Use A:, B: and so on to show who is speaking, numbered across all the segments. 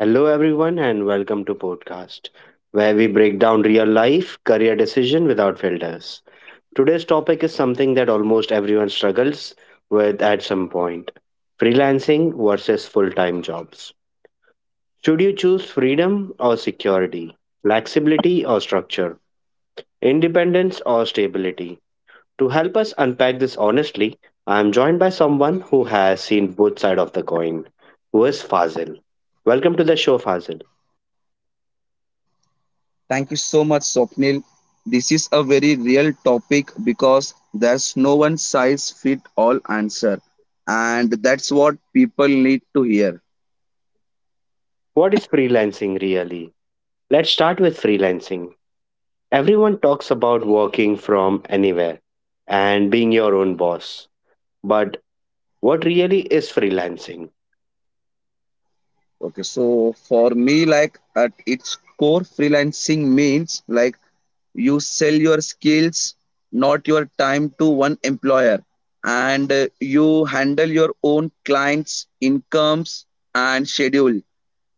A: Hello everyone and welcome to podcast where we break down real life career decision without filters. Today's topic is something that almost everyone struggles with at some point. Freelancing versus full-time jobs. Should you choose freedom or security? Flexibility or structure? Independence or stability? To help us unpack this honestly, I am joined by someone who has seen both sides of the coin, who is Fazil. Welcome to the show, Fazil.
B: Thank you so much, Swapnil. This is a very real topic because there's no one size fit all answer, and that's what people need to hear.
A: What is freelancing really? Let's start with freelancing. Everyone talks about working from anywhere and being your own boss. But what really is freelancing?
B: Okay, so for me, like at its core, freelancing means like you sell your skills, not your time to one employer, and you handle your own clients' incomes and schedule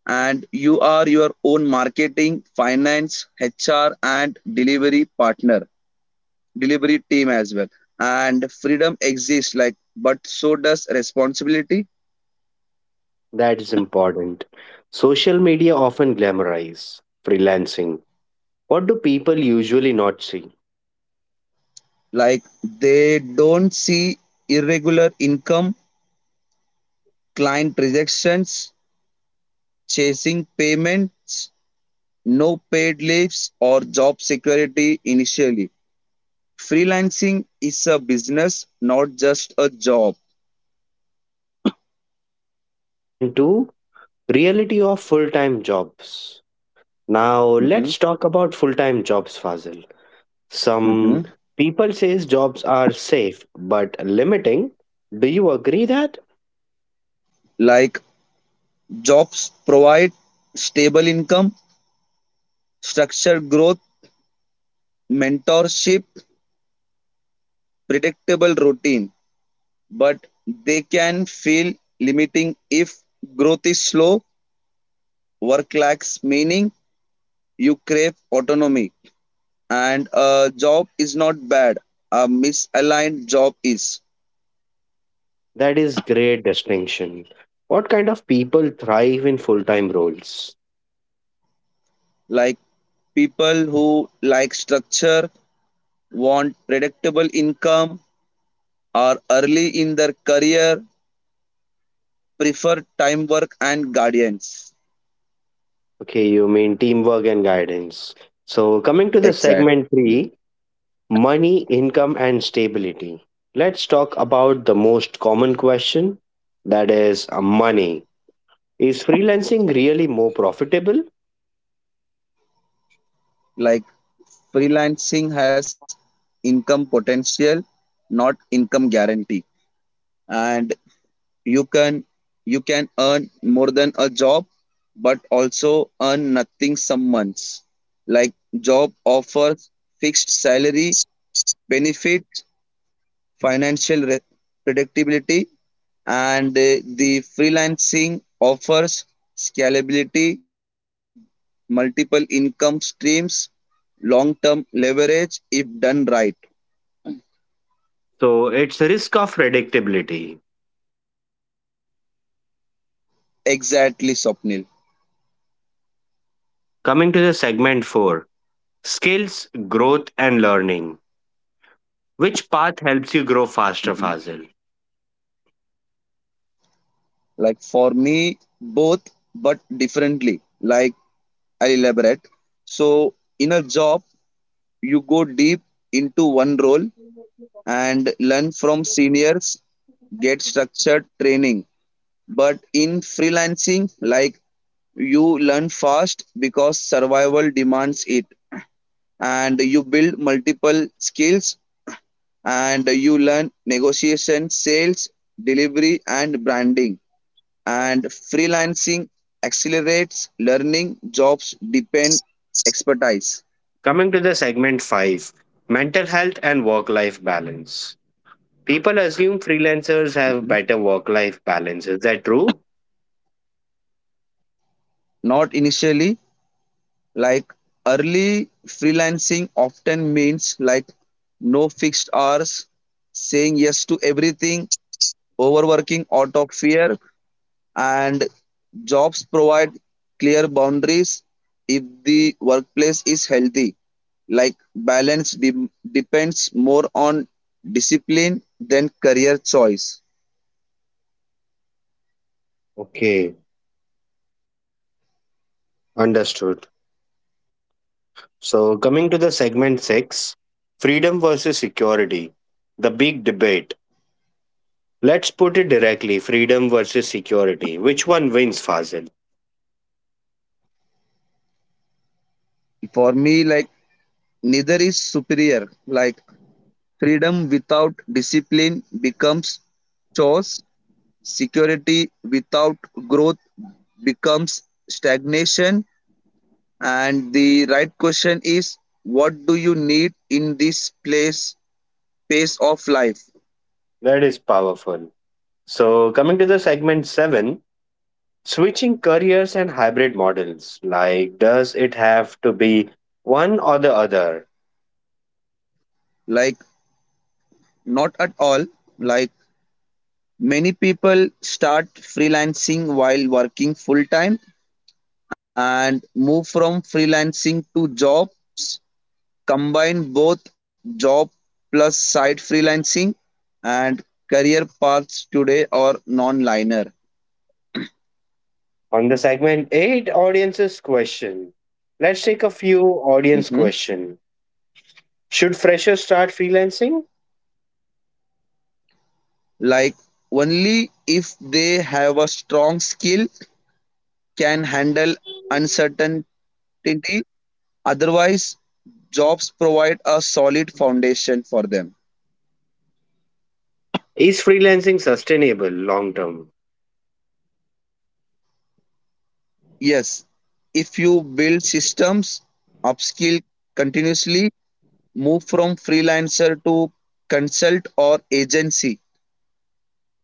B: and you are your own marketing, finance, HR, and delivery partner, delivery team as well. And freedom exists, like, but so does responsibility.
A: That is important. Social media often glamorize freelancing. What do people usually not see?
B: Like, they don't see irregular income, client rejections, chasing payments, no paid leaves, or job security initially. Freelancing is a business, not just a job.
A: So, coming to the segment 2, reality of full time jobs. Now, let's
B: Mhm,
A: talk about full time jobs, Fazil. Some
B: mhm.
A: people says jobs are safe but limiting. Do you agree that?
B: Like, jobs provide stable income, structured growth, mentorship, predictable routine, but they can feel limiting if growth is slow, work lacks meaning, you crave autonomy, and a job is not bad. A misaligned job is
A: That is great distinction. What kind of people thrive in full-time roles?
B: like people who like structure, want predictable income, are early in their career, prefer time work and guardians.
A: Okay, you mean teamwork and guidance. So coming to the segment
B: Exactly.
A: 3, money, income and stability. Let's talk about the most common question that is money. Is freelancing really more profitable?
B: Like freelancing has income potential, not income guarantee. And you can you can earn more than a job, but also earn nothing some months. Like job offers fixed salary benefits financial predictability, and the freelancing offers scalability, multiple income streams, long term leverage if done right.
A: So it's a risk of predictability.
B: Exactly, Swapnil.
A: Coming to the segment 4, skills, growth, and learning. Which path helps you grow faster,
B: Mhm.
A: Fazil?
B: Like for me, both but differently. Like I'll elaborate. So, in a job, you go deep into one role and learn from seniors, get structured training. But in freelancing, like you learn fast because survival demands it, and you build multiple skills and you learn negotiation, sales, delivery, and branding. And freelancing accelerates learning, jobs depend expertise.
A: Coming to the segment 5, mental health and work life balance. People assume freelancers have
B: Mhm.
A: better work life balance. Is that true?
B: Not initially, like early freelancing often means like no fixed hours, saying yes to everything, overworking out of fear, and jobs provide clear boundaries if the workplace is healthy. Like balance depends more on discipline than career choice.
A: Okay, understood. So, coming to the segment 6, freedom versus security, the big debate. Let's put it directly freedom versus security. Which one wins, Fazil?
B: For me, like neither is superior. Like freedom without discipline becomes chores, security without growth becomes stagnation. And the right question is, what do you need in this place pace of life?
A: That is powerful. So, coming to the segment 7, switching careers and hybrid models. Like, does it have to be one or the other?
B: Like not at all. Like many people start freelancing while working full time and move from freelancing to jobs, combine both job plus side freelancing and career paths today are non-linear.
A: On the segment 8, audiences question. Let's take a few audience
B: Mhm.
A: question. Should freshers start freelancing?
B: Like only if they have a strong skill, can handle uncertainty. Otherwise, jobs provide a solid foundation for them.
A: Is freelancing sustainable long term?
B: Yes, if you build systems, upskill continuously, move from freelancer to consult or agency.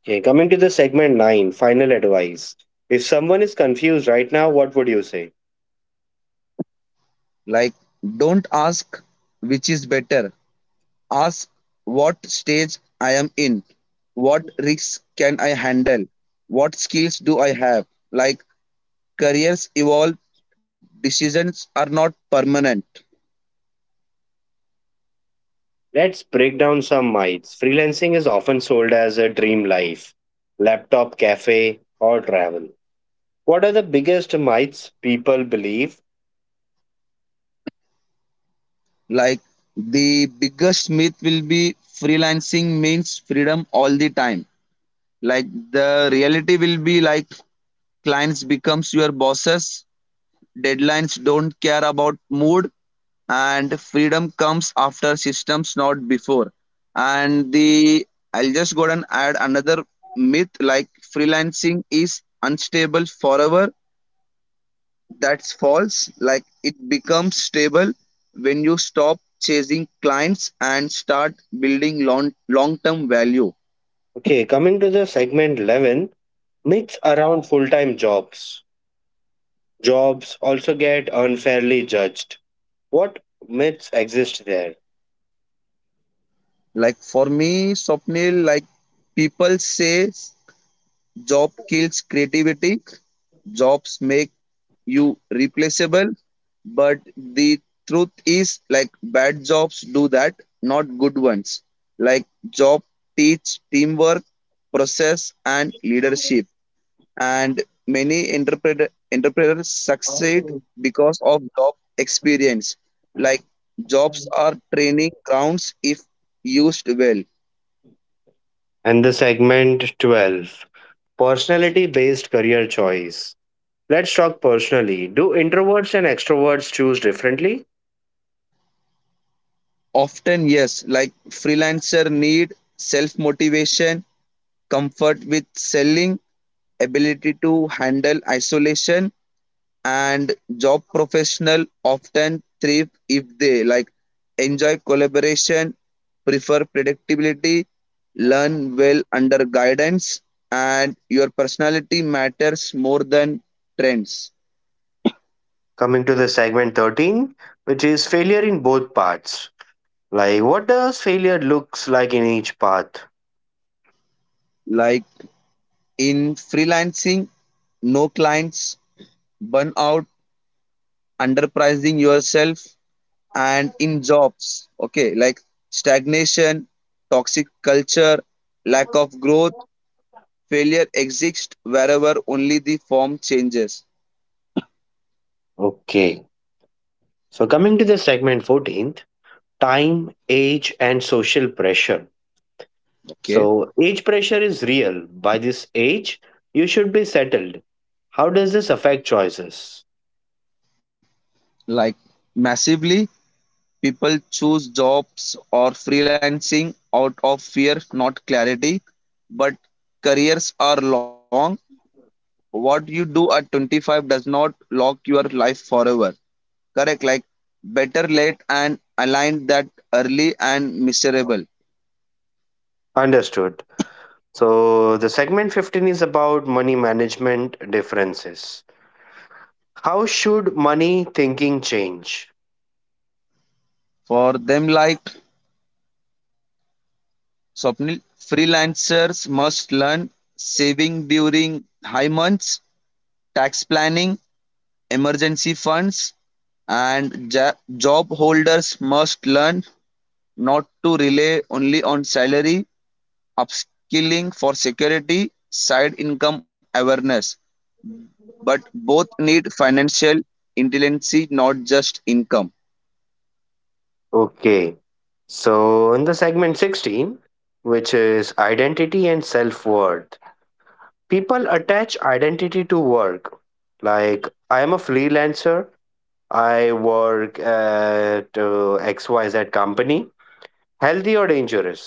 A: Okay, coming to the segment 9, final advice. If someone is confused right now, what would you say?
B: Like, don't ask which is better, ask what stage I am in, what risks can I handle, what skills do I have. Like, careers evolve, decisions are not permanent.
A: Let's break down some myths. Freelancing is often sold as a dream life, laptop cafe, or travel. What are the biggest myths people believe?
B: Like the biggest myth will be freelancing means freedom all the time. Like the reality will be like clients becomes your bosses, deadlines don't care about mood and freedom comes after systems not before. And the I'll just go and add another myth like freelancing is unstable forever, that's false. Like it becomes stable when you stop chasing clients and start building long term value.
A: Okay, coming to the segment 11, myths around full time jobs. Jobs also get unfairly judged. What myths exist there?
B: Like for me, Swapnil, like people say job kills creativity, jobs make you replaceable, but the truth is like bad jobs do that, not good ones. Like job teach teamwork, process and leadership and many entrepreneurs succeed because of job experience, like jobs are training grounds if used well.
A: And the segment 12, personality based career choice. Let's talk personally. Do introverts and extroverts choose differently?
B: Often yes, like freelancer need self motivation, comfort with selling, ability to handle isolation, and job professional often thrive if they like enjoy collaboration, prefer predictability, learn well under guidance, and your personality matters more than trends.
A: Coming to the segment 13, which is failure in both parts. Like, what does failure looks like in each path?
B: Like in freelancing, no clients, burnout, underpricing yourself, and in jobs, okay, like stagnation, toxic culture, lack of growth. Failure exists wherever, only the form changes.
A: Okay. So coming to the segment 14th, time, age, and social pressure.
B: Okay.
A: So age pressure is real. By this age, you should be settled. How does this affect choices?
B: Like massively, people choose jobs or freelancing out of fear, not clarity. But careers are long. What you do at 25 does not lock your life forever. Correct? Like better late and aligned that early and miserable.
A: Understood. So the segment 15 is about money management differences. How should money thinking change?
B: For them, like Swapnil, freelancers must learn saving during high months, tax planning, emergency funds, and job holders must learn not to rely only on salary, upskilling for security, side income awareness, but both need financial intelligence, not just income.
A: Okay. So in the segment 16, which is identity and self-worth. People attach identity to work, like I am a freelancer, I work at xyz company. Healthy or dangerous?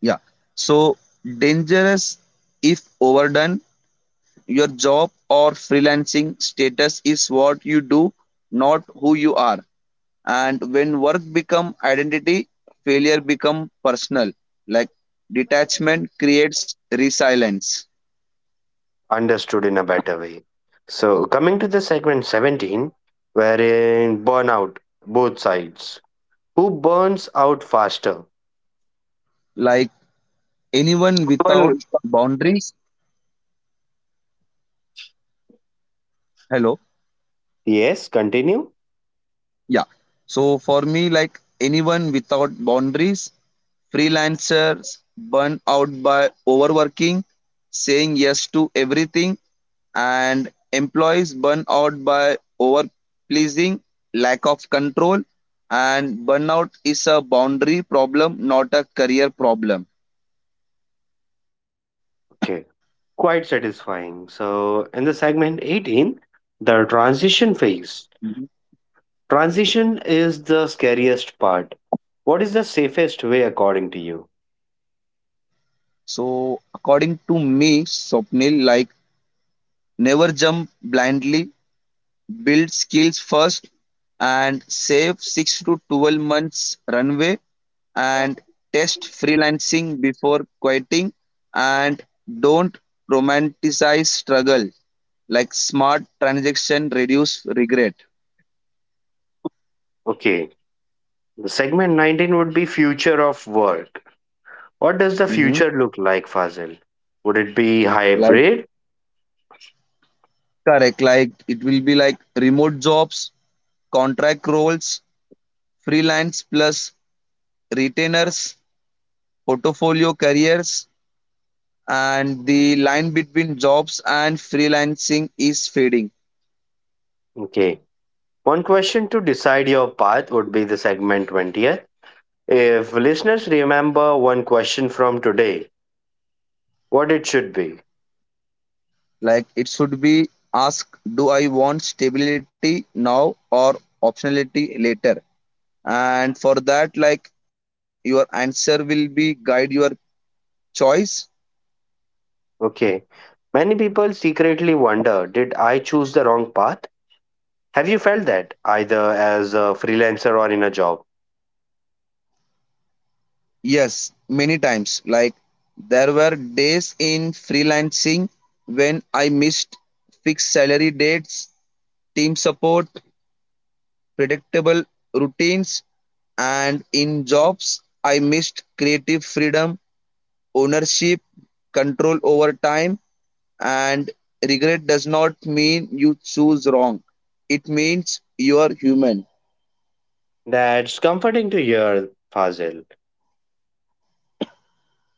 B: Yeah. So, dangerous if overdone. Your job or freelancing status is what you do, not who you are. And when work become identity, failure become personal, like detachment creates resilience.
A: Understood in a better way. So coming to the segment 17, wherein burnout both sides, who burns out faster?
B: Like anyone without
A: One-
B: boundaries, hello.
A: Yes, continue.
B: Yeah. So for me, like anyone without boundaries, freelancers burn out by overworking, saying yes to everything, and employees burn out by over pleasing, lack of control, and burnout is a boundary problem, not a career problem.
A: Okay, quite satisfying. So, in the segment 18, the transition phase.
B: Mhm.
A: Transition is the scariest part. What is the safest way according to you?
B: So according to me, Swapnil, like never jump blindly, build skills first and save 6 to 12 months runway and test freelancing before quitting and don't romanticize struggle, like smart transaction reduce regret.
A: Okay, the segment 19 would be future of work. What does the
B: Mm-hmm.
A: future look like, Fazil? Would it be
B: Like
A: hybrid?
B: correct, like it will be like remote jobs, contract roles, freelance plus retainers, portfolio careers, and the line between jobs and freelancing is fading.
A: Okay. One question to decide your path would be the segment 20th. If listeners remember one question from today, what it should be?
B: Like it should be asked, do I want stability now or optionality later, and for that like your answer will be guide your choice.
A: Okay. Many people secretly wonder, did I choose the wrong path? Have you felt that either as a freelancer or in a job?
B: Yes, many times, like there were days in freelancing when I missed fixed salary dates, team support, predictable routines, and in jobs, I missed creative freedom, ownership, control over time, and regret does not mean you choose wrong. It means you are human.
A: That's comforting to hear, Fazil.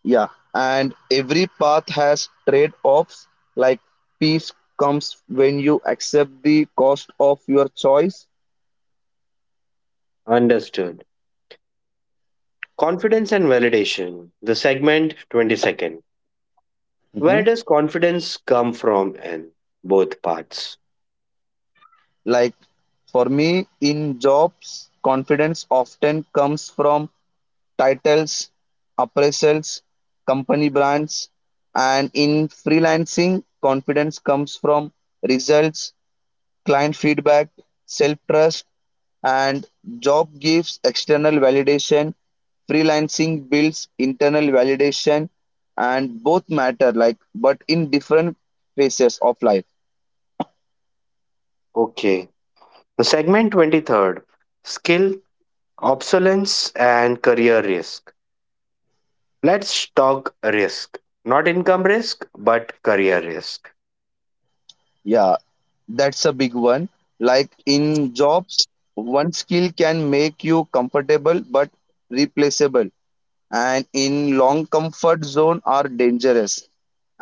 B: Yeah. And every path has trade offs, like peace comes when you accept the cost of your choice.
A: Understood. Confidence and validation. The segment 22nd.
B: hmm
A: Where does confidence come from in both parts?
B: Like for me, in jobs, confidence often comes from titles, appraisals, company brands, and in freelancing, confidence comes from results, client feedback, self trust, and job gives external validation. Freelancing builds internal validation, and both matter, like, but in different phases of life.
A: Okay. The segment 23rd. Skill, obsolescence, and career risk. Let's talk risk. Not income risk, but career risk.
B: Yeah, that's a big one. Like in jobs, one skill can make you comfortable but replaceable. And in long comfort zone are dangerous,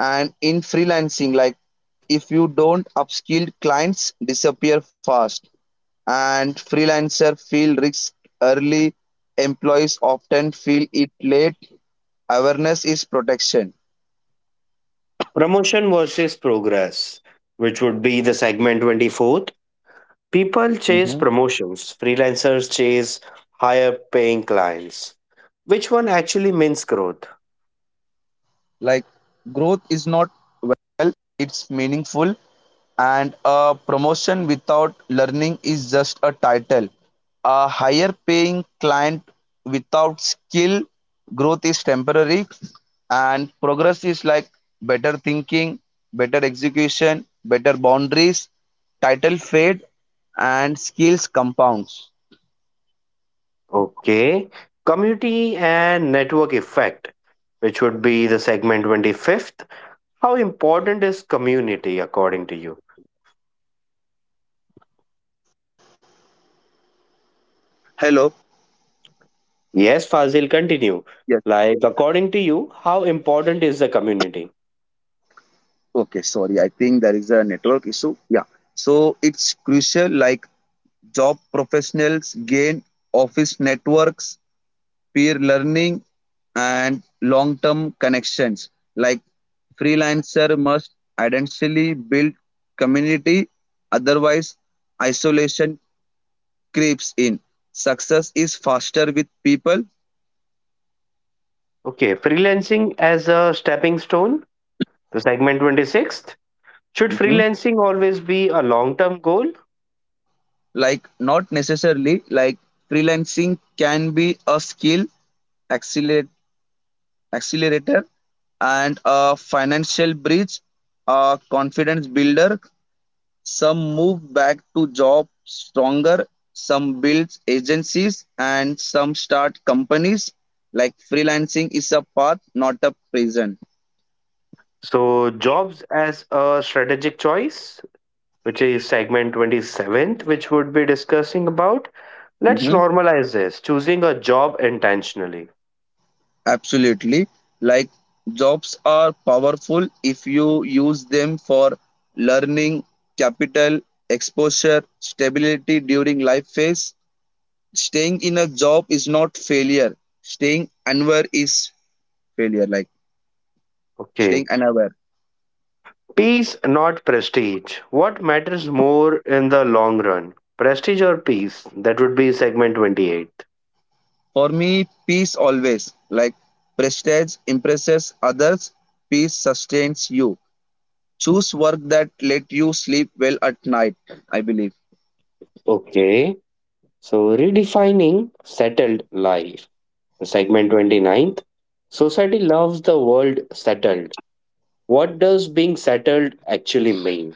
B: and in freelancing like if you don't upskill clients disappear fast, and freelancer feel risk early, employees often feel it late, awareness is protection,
A: Promotion versus progress, which would be the segment 24th. People chase promotions, freelancers chase higher paying clients. Which one actually means growth?
B: like growth is not.
A: Okay. Community and network effect, which would be the segment 25th. How important is community according to you?
B: Hello.
A: Yes, Fazil, continue.
B: Yes.
A: Like, according to you, how important is the community?
B: Okay. Sorry. I think there is a network issue. Yeah. So it's crucial, like job professionals gain office networks, peer learning, and long term connections. Like freelancer must identically build community, otherwise, isolation creeps in. Success is faster with people.
A: Okay, freelancing as a stepping stone, the segment 26th. Should
B: Mhm.
A: freelancing always be a long term goal?
B: Like not necessarily, like freelancing can be a skill accelerate, accelerator and a financial bridge, a confidence builder, some move back to job stronger, some builds agencies and some start companies, like freelancing is a path not a prison.
A: So, jobs as a strategic choice, which is segment 27th, which would be discussing about. Let's
B: Mhm.
A: normalize this, choosing a job intentionally.
B: Absolutely. Like jobs are powerful if you use them for learning, capital, exposure, stability during life phase. Staying in a job is not failure. Staying unaware is failure. Like
A: Okay.
B: staying unaware.
A: Peace, not prestige. What matters more in the long run? Prestige or peace? That would be segment 28th.
B: For me, peace always. Like prestige impresses others, peace sustains you. Choose work that let you sleep well at night, I believe.
A: Okay. So redefining settled life. Segment twenty ninth. Society loves the world settled. What does being settled actually mean?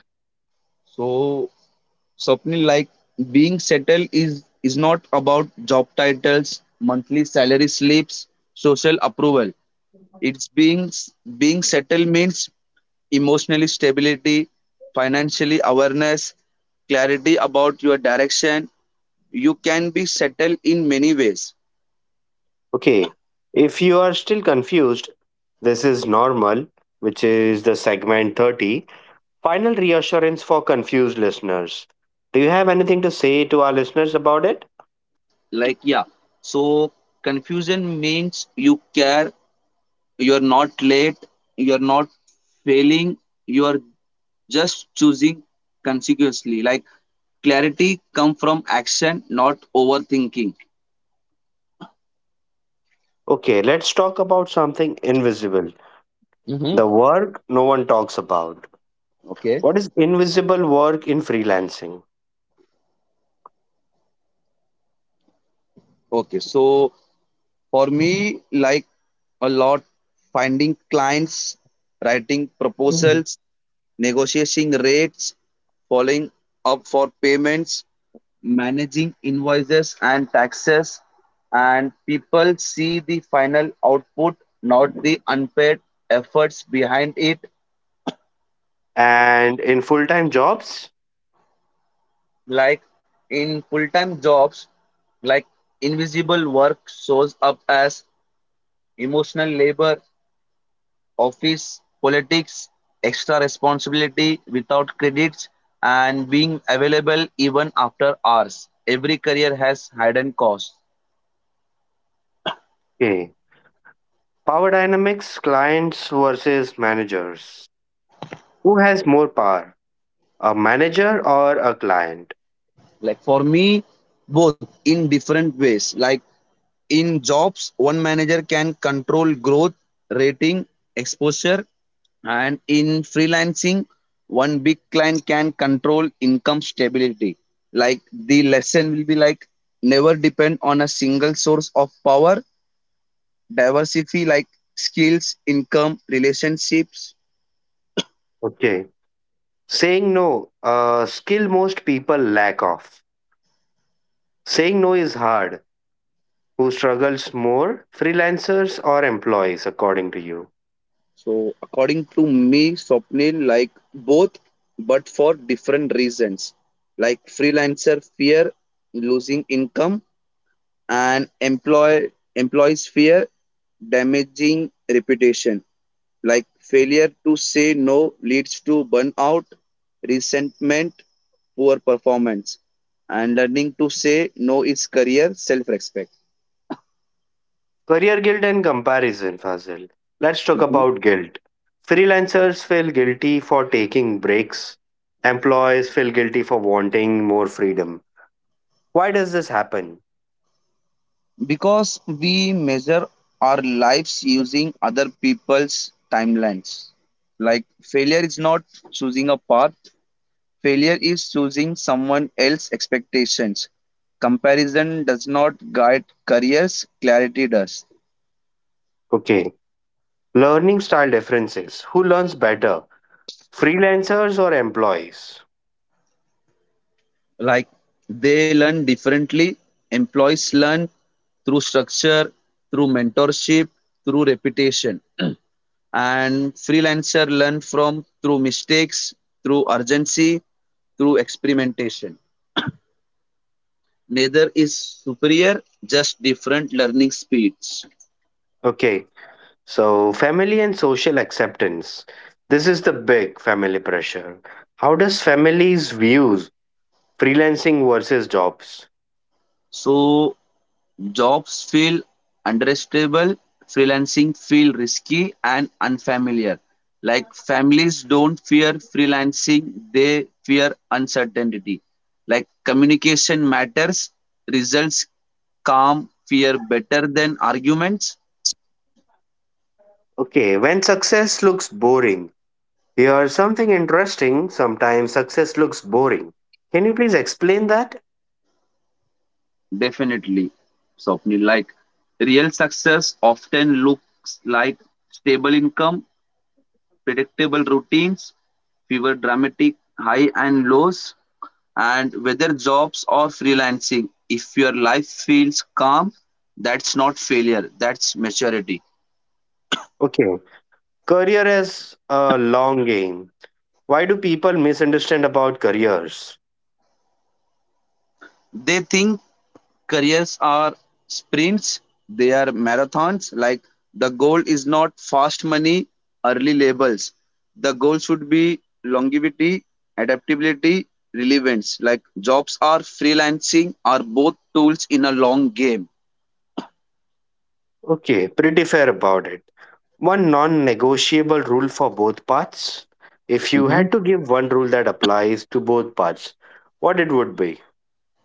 B: So Swapnil, like being settled is not about job titles, monthly salary slips, social approval. It's being settled means emotionally stability, financially awareness, clarity about your direction. You can be settled in many ways.
A: Okay, if you are still confused, this is normal, which is the segment 30. Final reassurance for confused listeners. Do you have anything to say to our listeners about it?
B: Like yeah, so confusion means you care, you're not late, you're not failing, you are just choosing consecutively, like clarity come from action not overthinking.
A: Okay, let's talk about something invisible,
B: Mm-hmm.
A: the work no one talks about. What is invisible work in freelancing?
B: Okay, so for me like a lot, finding clients, writing
A: Mhm.
B: proposals, negotiating rates, following up for payments, managing invoices and taxes, and people see the final output, not the unpaid efforts behind it.
A: And in full time jobs?
B: Like in full-time jobs, like invisible work shows up as emotional labor, office politics, extra responsibility without credits, and being available even after hours, every career has hidden costs.
A: Okay, power dynamics, clients versus managers. Who has more power, a manager or a client?
B: Like for me, both in different ways. Like in jobs, one manager can control growth, rating, exposure, and in freelancing, one big client can control income stability. Like the lesson will be like never depend on a single source of power, diversify like skills, income, relationships.
A: Okay. Saying no, a skill most people lack of. Saying no is hard. Who struggles more, freelancers or employees, according to you?
B: So according to me, Swapnil, like both, but for different reasons. Like freelancer fear losing income and employees fear damaging reputation. Like failure to say no leads to burnout, resentment, poor performance, and learning to say no is career self-respect.
A: Career guilt and comparison, Fazil. Let's talk
B: Mm-hmm.
A: about guilt. Freelancers feel guilty for taking breaks. Employees feel guilty for wanting more freedom. Why does this happen?
B: Because we measure our lives using other people's timelines. Like failure is not choosing a path, failure is choosing someone else's expectations. Comparison does not guide careers, clarity does.
A: Okay. Learning style differences. Who learns better, freelancers or employees?
B: Like they learn differently, employees learn through structure, through mentorship, through repetition. And freelancer learn from through mistakes, through urgency, through experimentation, neither is superior, just different learning speeds.
A: Okay. So, family and social acceptance. This is the big family pressure. How does families views freelancing versus jobs?
B: So jobs feel understable, freelancing feel risky and unfamiliar, like families don't fear freelancing, they fear uncertainty, like communication matters, results, calm fear better than arguments.
A: Okay, when success looks boring. Here's something interesting. Sometimes success looks boring. Can you please explain that?
B: Definitely, Swapnil. Like real success often looks like stable income, predictable routines, fewer dramatic high and lows, and whether jobs or freelancing. If your life feels calm, that's not failure, that's maturity.
A: Okay. Career is a long game. Why do people misunderstand about careers?
B: They think careers are sprints, they are marathons. Like the goal is not fast money, early labels. The goal should be longevity, adaptability, relevance. Like jobs are freelancing are both tools in a long game.
A: Okay, pretty fair about it. One non negotiable rule for both paths? If you had to give one rule that applies to both paths, what it would be?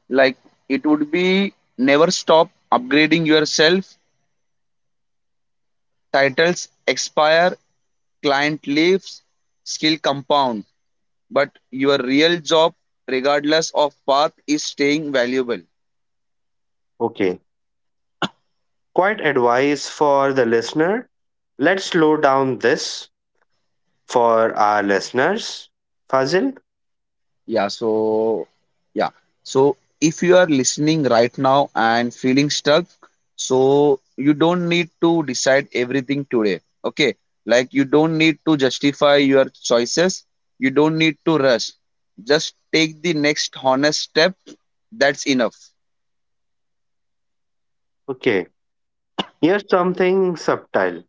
B: Like it would be never stop upgrading yourself. Titles expire, client leaves, skill compound. But your real job, regardless of path, is staying valuable.
A: Okay, quite advice for the listener. Let's slow down this for our listeners. Fazil?
B: Yeah, so yeah. So if you are listening right now and feeling stuck, so you don't need to decide everything today. Okay? Like you don't need to justify your choices. You don't need to rush. Just take the next honest step. That's enough.
A: Okay, here's something subtle.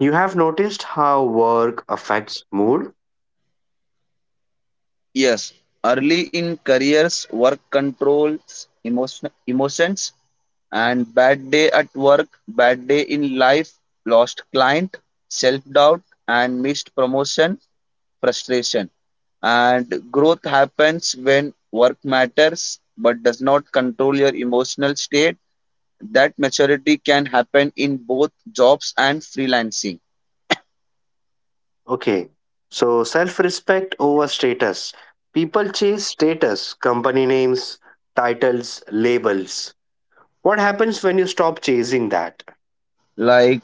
A: You have noticed how work affects mood?
B: Yes. Early in careers, work controls, emotions. And bad day at work, bad day in life, lost client, self doubt, and missed promotion, frustration. And growth happens when work matters but does not control your emotional state. That maturity can happen in both jobs and freelancing.
A: Okay, so self respect over status. People chase status, company names, titles, labels. What happens when you stop chasing that?
B: Like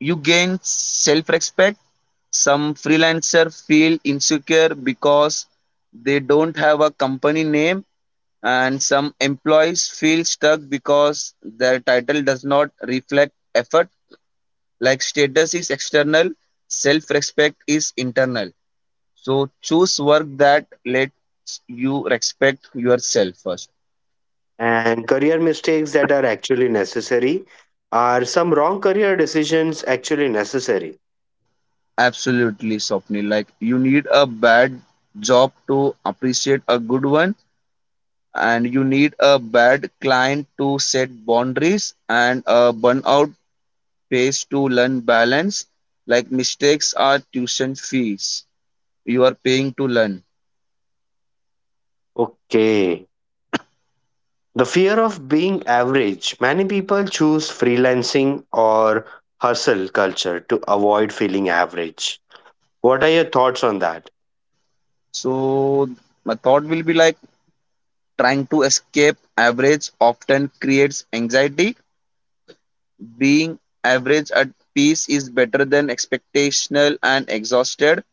B: you gain self respect. Some freelancer feel insecure because they don't have a company name, and some employees feel stuck because their title does not reflect effort, like status is external, self respect is internal, so choose work that lets you respect yourself first.
A: And career mistakes that are actually necessary? Are some wrong career decisions actually necessary?
B: Absolutely, Swapnil, like you need a bad job to appreciate a good one, and you need a bad client to set boundaries, and a burnout pays to learn balance, like mistakes are tuition fees you are paying to learn.
A: Okay. The fear of being average. Many people choose freelancing or hustle culture to avoid feeling average. What are your thoughts on that?
B: So my thought will be like trying to escape average often creates anxiety, being average at peace is better than expectational and exhausted,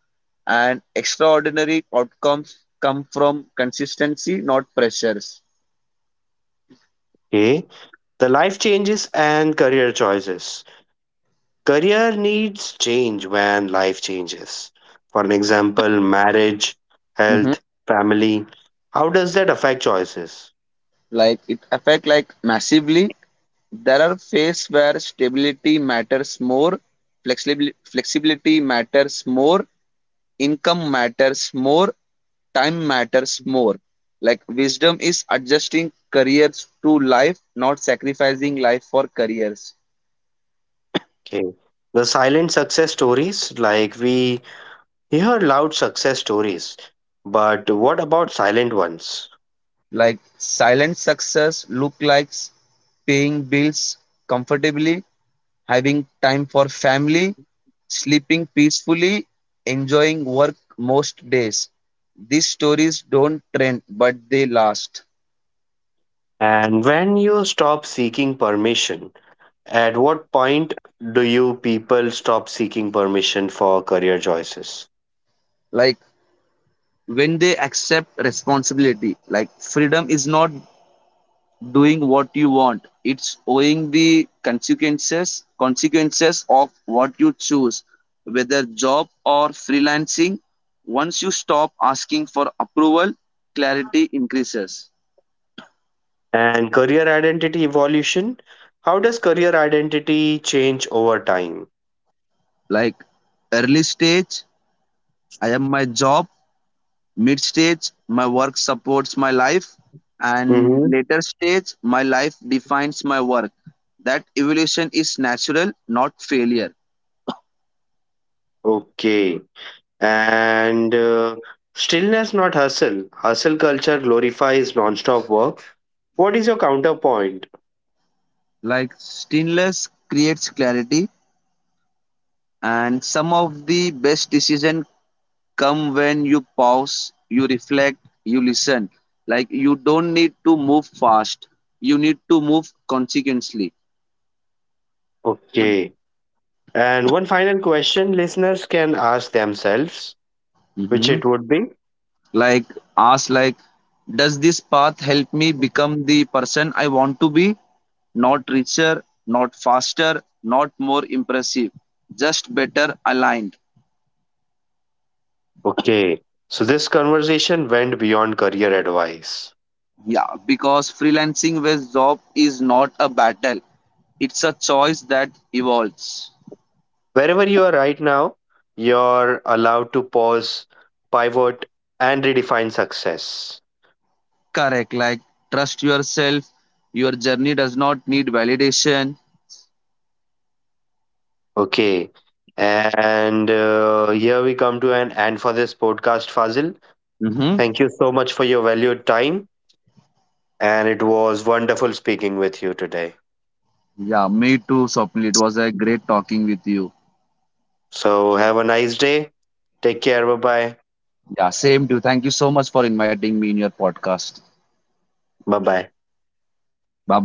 B: and extraordinary outcomes come from consistency not pressures.
A: Okay. The life changes and career choices. Career needs change when life changes. For an example, marriage, health,
B: hmm
A: family. How does that affect choices?
B: like it affect like massively. There are phases where stability matters more, flexibility matters more, income matters more, time matters more. Like wisdom is adjusting careers to life, not sacrificing life for careers.
A: Okay. The silent success stories, like we hear loud success stories, but what about silent ones?
B: Like silent success look like paying bills comfortably, having time for family, sleeping peacefully, enjoying work most days. These stories don't trend, but they last.
A: And when you stop seeking permission, at what point do you people stop seeking permission for career choices?
B: Like when they accept responsibility, like freedom is not doing what you want, it's owing the consequences of what you choose, whether job or freelancing. Once you stop asking for approval, clarity increases.
A: And career identity evolution. How does career identity change over time?
B: Like early stage, I am my job, mid stage, my work supports my life, and
A: Mm-hmm.
B: later stage, my life defines my work. That evolution is natural, not failure.
A: Okay. And stillness, not hustle. Hustle culture glorifies non-stop work. What is your counterpoint?
B: Like stillness creates clarity, and some of the best decisions come when you pause, you reflect, you listen. Like you don't need to move fast, you need to move consequently.
A: Okay. And one final question listeners can ask themselves, which
B: Mhm.
A: it would be.
B: Like ask like, does this path help me become the person I want to be? Not richer, not faster, not more impressive, just better aligned.
A: Okay. So this conversation went beyond career advice.
B: Yeah, because freelancing with job is not a battle. It's a choice that evolves.
A: Wherever you are right now, you're allowed to pause, pivot, and redefine success.
B: Correct. Like trust yourself. Your journey does not need validation.
A: Okay. And here we come to an end for this podcast, Fazil.
B: Mm-hmm.
A: Thank you so much for your valued time. And it was wonderful speaking with you today.
B: Yeah, me too, Swapnil. It was a great talking with you.
A: So have a nice day. Take care. Bye bye.
B: Yeah, same too. Thank you so much for inviting me in your podcast.
A: Bye bye.
B: Bye bye.